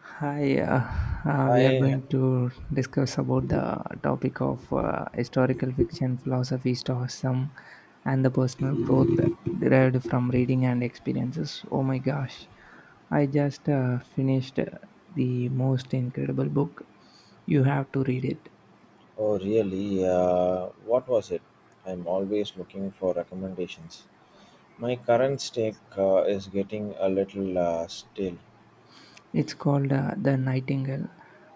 Hi, we are Hi, going to discuss about the topic of historical fiction, philosophy, stoicism, and the personal growth derived from reading and experiences. Oh my gosh, I just finished the most incredible book. You have to read it. oh really? What was it? I'm always looking for recommendations. My current steak is getting a little stale. It's called The Nightingale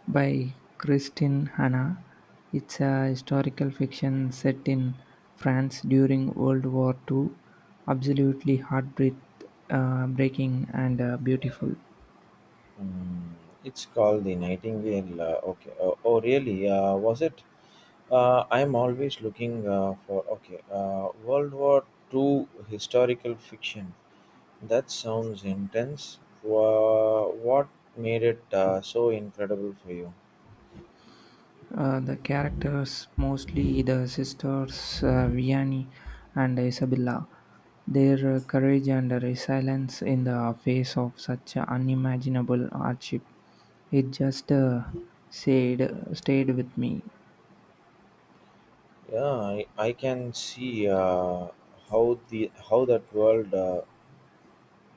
by Christine Hanna. It's a historical fiction set in France during World War II. Absolutely breaking and beautiful. Mm, it's called the Nightingale. Okay. Oh really? Was it? I'm always looking for okay. World War Two historical fiction. That sounds intense. What made it so incredible for you? The characters, mostly the sisters Vianney and Isabella, their courage and resilience in the face of such unimaginable hardship, it just stayed, stayed with me. Yeah, I can see how the how that world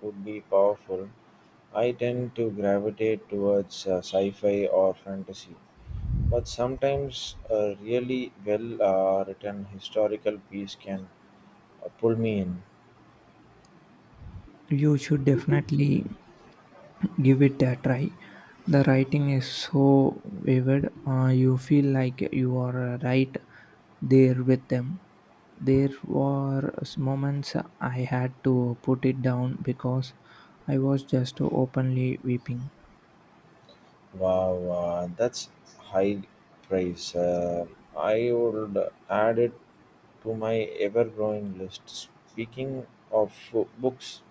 would be powerful. I tend to gravitate towards sci-fi or fantasy, but sometimes a really well written historical piece can pull me in. You should definitely give it a try. The writing is so vivid, you feel like you are right there with them. There were moments I had to put it down because I was just openly weeping. Wow, that's high praise. I would add it to my ever-growing list. Speaking of books,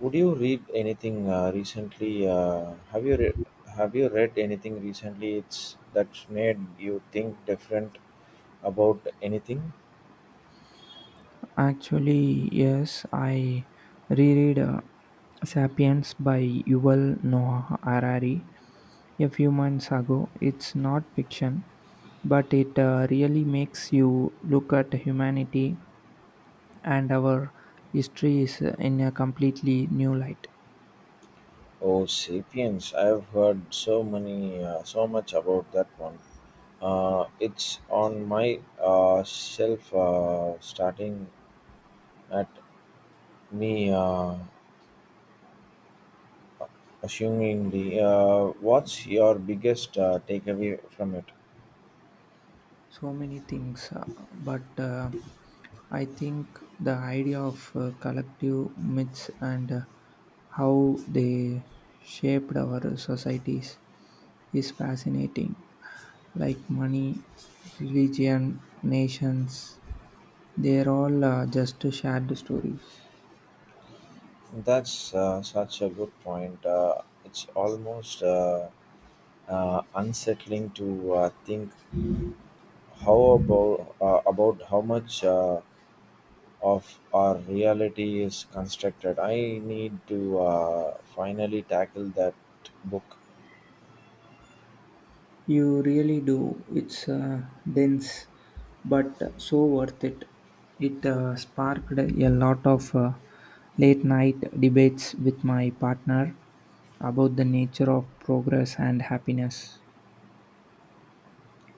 would you read anything recently? Have you read anything recently? It's that's made you think different about anything. Actually, yes, I reread Sapiens by Yuval Noah Harari a few months ago. It's not fiction, but it really makes you look at humanity and our history is in a completely new light. Oh, Sapiens! I've heard so much about that one. It's on my shelf, starting at me. Assumingly, what's your biggest takeaway from it? So many things, but I think the idea of collective myths and how they shaped our societies is fascinating, like money, religion, nations, they're all just shared stories. That's such a good point. It's almost unsettling to think how about how much of our reality is constructed. I need to finally tackle that book. You really do. It's dense, but so worth it. It sparked a lot of late night debates with my partner about the nature of progress and happiness.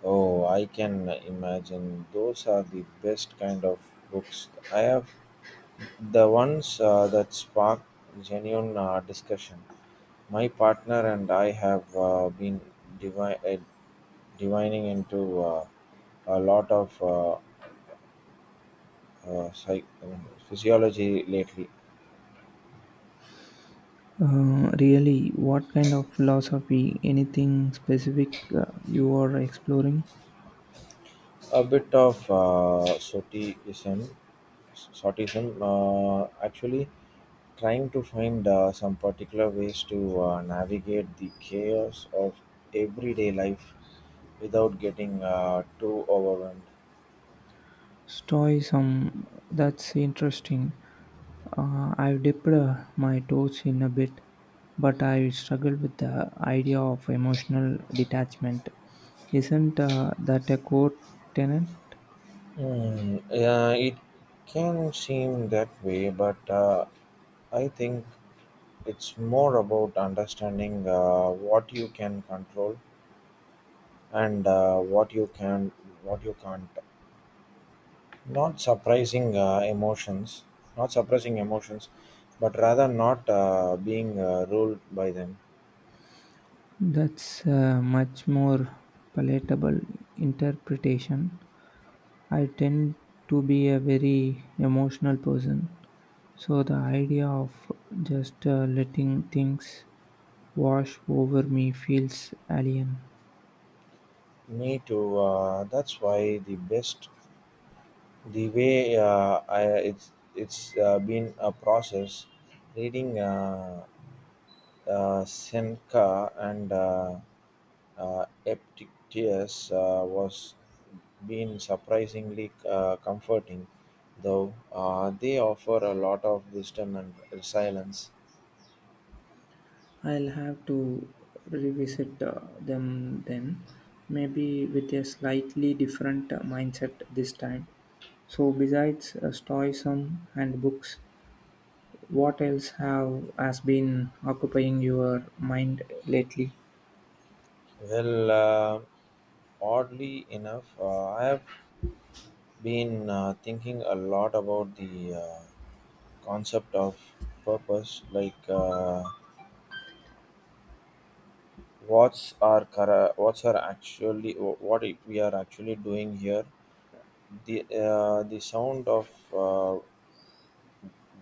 Oh, I can imagine those are the best kind of books. I have the ones that spark genuine discussion. My partner and I have been divi- uh, divining into a lot of psych, I mean, physiology lately. Really, what kind of philosophy, anything specific you are exploring? A bit of sotism, sotism, actually trying to find some particular ways to navigate the chaos of everyday life without getting too overwhelmed. Stoicism, that's interesting. I've dipped my toes in a bit, but I struggle with the idea of emotional detachment. Isn't that a core tenet? Hmm. Yeah, it can seem that way, but I think it's more about understanding what you can control and what you can't, not suppressing emotions not suppressing emotions but rather not being ruled by them. That's a much more palatable interpretation. I tend to be a very emotional person, so the idea of just letting things wash over me feels alien. Me too, that's why the way, it's been a process reading Seneca and Epictetus, was been surprisingly comforting, though they offer a lot of wisdom and resilience. I'll have to revisit them then, maybe with a slightly different mindset this time. So, besides Stoicism and books, what else have has been occupying your mind lately? Well, oddly enough, I have been thinking a lot about the concept of purpose, like what's our, actually, what we are actually doing here. The sound of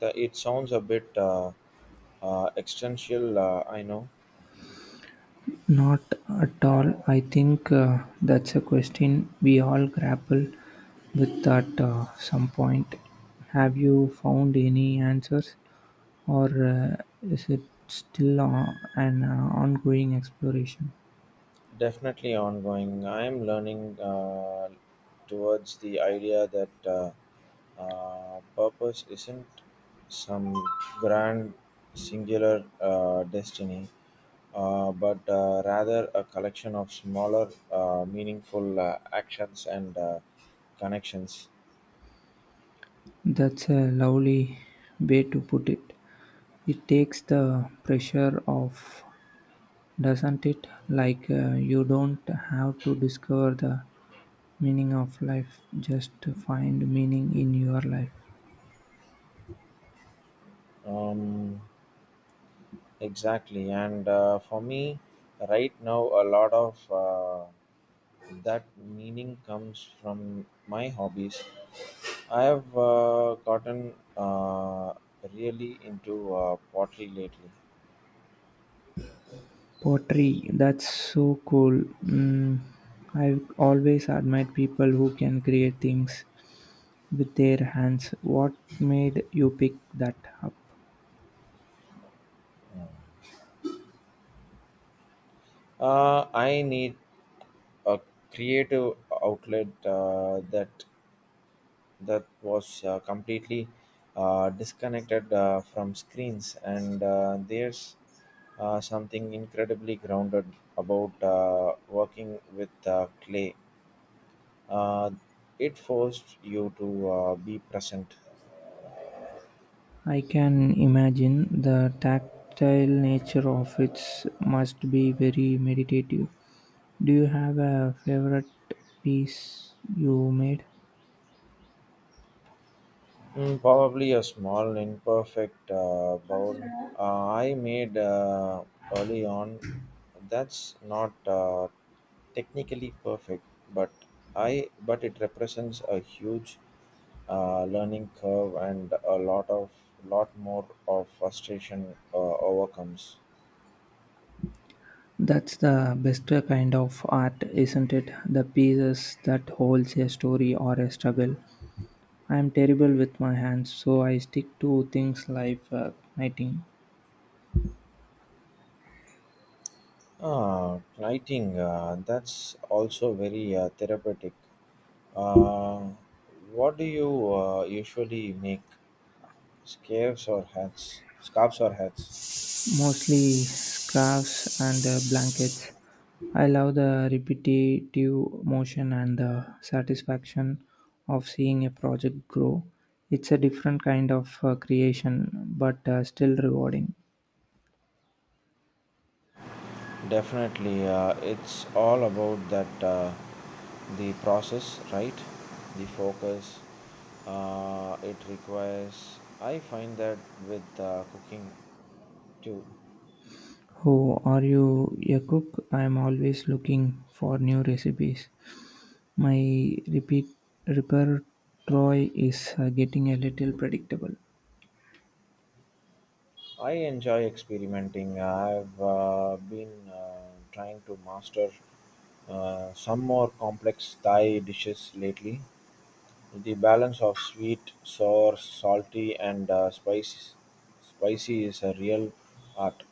the it sounds a bit existential, I know. Not at all. I think that's a question we all grapple with at some point. Have you found any answers, or is it still an ongoing exploration? Definitely ongoing. I am learning towards the idea that purpose isn't some grand singular destiny, but rather a collection of smaller, meaningful actions and connections. That's a lovely way to put it. It takes the pressure off, doesn't it? Like you don't have to discover the meaning of life, just find meaning in your life. Um, exactly. And for me, right now, a lot of that meaning comes from my hobbies. I have gotten really into pottery lately. Pottery, that's so cool. Mm, I've always admired people who can create things with their hands. What made you pick that up? I need a creative outlet that was completely disconnected from screens, and there's something incredibly grounded about working with clay. Uh, it forced you to be present. I can imagine the tactile nature of it must be very meditative. Do you have a favorite piece you made? Mm, probably a small, imperfect bowl I made early on. That's not technically perfect, but I but it represents a huge learning curve and a lot of lot more of frustration overcomes. That's the best kind of art, isn't it? The pieces that holds a story or a struggle. I'm terrible with my hands, so I stick to things like knitting, Ah, writing. That's also very therapeutic. Uh, what do you usually make? Scarves or hats? mostly scarves and blankets. I love the repetitive motion and the satisfaction of seeing a project grow. It's a different kind of creation, but still rewarding. Definitely, it's all about that, the process, right? The focus it requires. I find that with cooking too. Oh, are you a cook? I'm always looking for new recipes. My repeat repertoire is getting a little predictable. I enjoy experimenting. I've been trying to master some more complex Thai dishes lately. The balance of sweet, sour, salty, and spicy is a real art.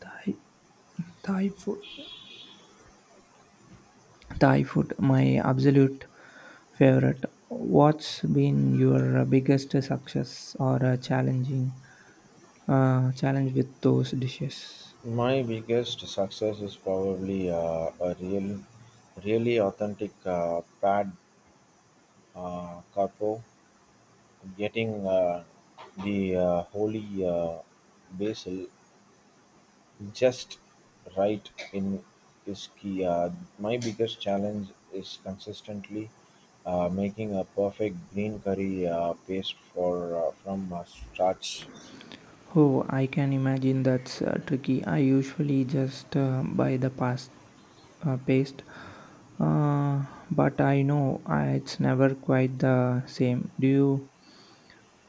Thai, Thai food. Thai food, my absolute favorite. What's been your biggest success or challenging challenge with those dishes? My biggest success is probably really authentic pad carpo, getting the holy basil just right in Ischia. My biggest challenge is consistently making a perfect green curry paste for from starch. Oh, I can imagine that's tricky. I usually just buy the paste, uh, but I know it's never quite the same. Do you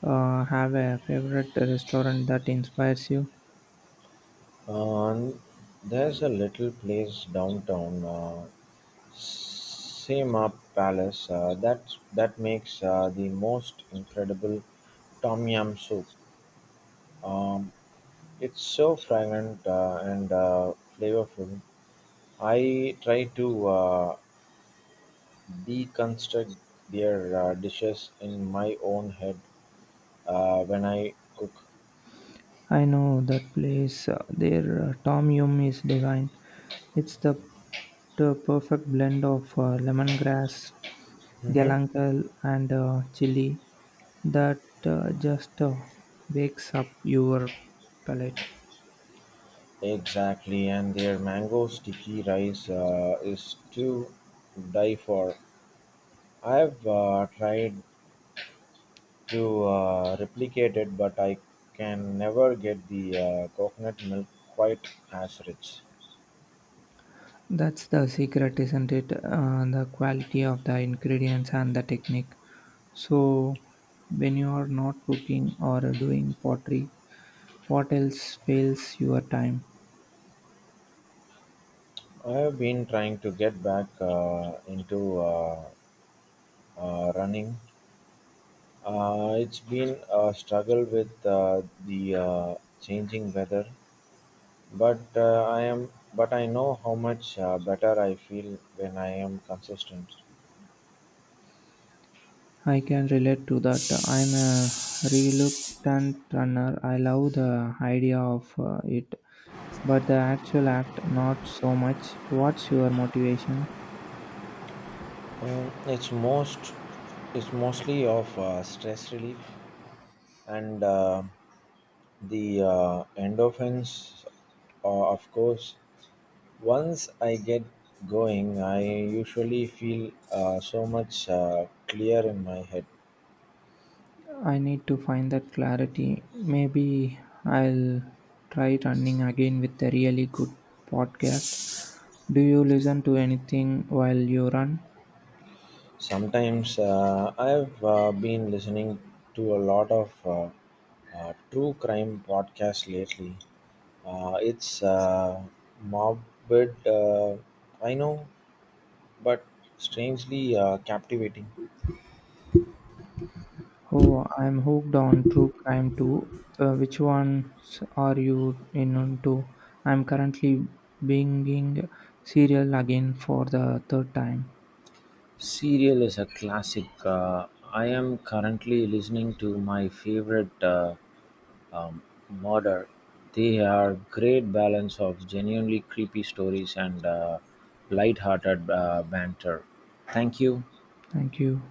have a favorite restaurant that inspires you? And there's a little place downtown, Sema Palace, that makes the most incredible tom yam soup. Um, it's so fragrant and flavorful. I try to deconstruct their dishes in my own head when I cook. I know that place. Their tom yum is divine. It's the perfect blend of lemongrass, Hmm. galangal, and chili that just wakes up your palate. Exactly, and their mango sticky rice is to die for. I've tried to replicate it, but I can never get the coconut milk quite as rich. That's the secret, isn't it? The quality of the ingredients and the technique. So, when you are not cooking or doing pottery, what else fails your time? I have been trying to get back into running. It's been a struggle with the changing weather, but I am but I know how much better I feel when I am consistent. I can relate to that. I'm a reluctant runner. I love the idea of it, but the actual act, not so much. What's your motivation? Mm, it's most it's mostly of stress relief and the endorphins, of course. Once I get going, I usually feel so much clear in my head. I need to find that clarity. Maybe I'll try running again with a really good podcast. Do you listen to anything while you run? Sometimes I've been listening to a lot of true crime podcasts lately. It's morbid, I know, but strangely captivating. Oh, I'm hooked on true crime too. Which ones are you into? I'm currently binging serial again for the third time. Serial is a classic. I am currently listening to My Favorite um, Murder. They are great balance of genuinely creepy stories and light-hearted banter. Thank you. Thank you.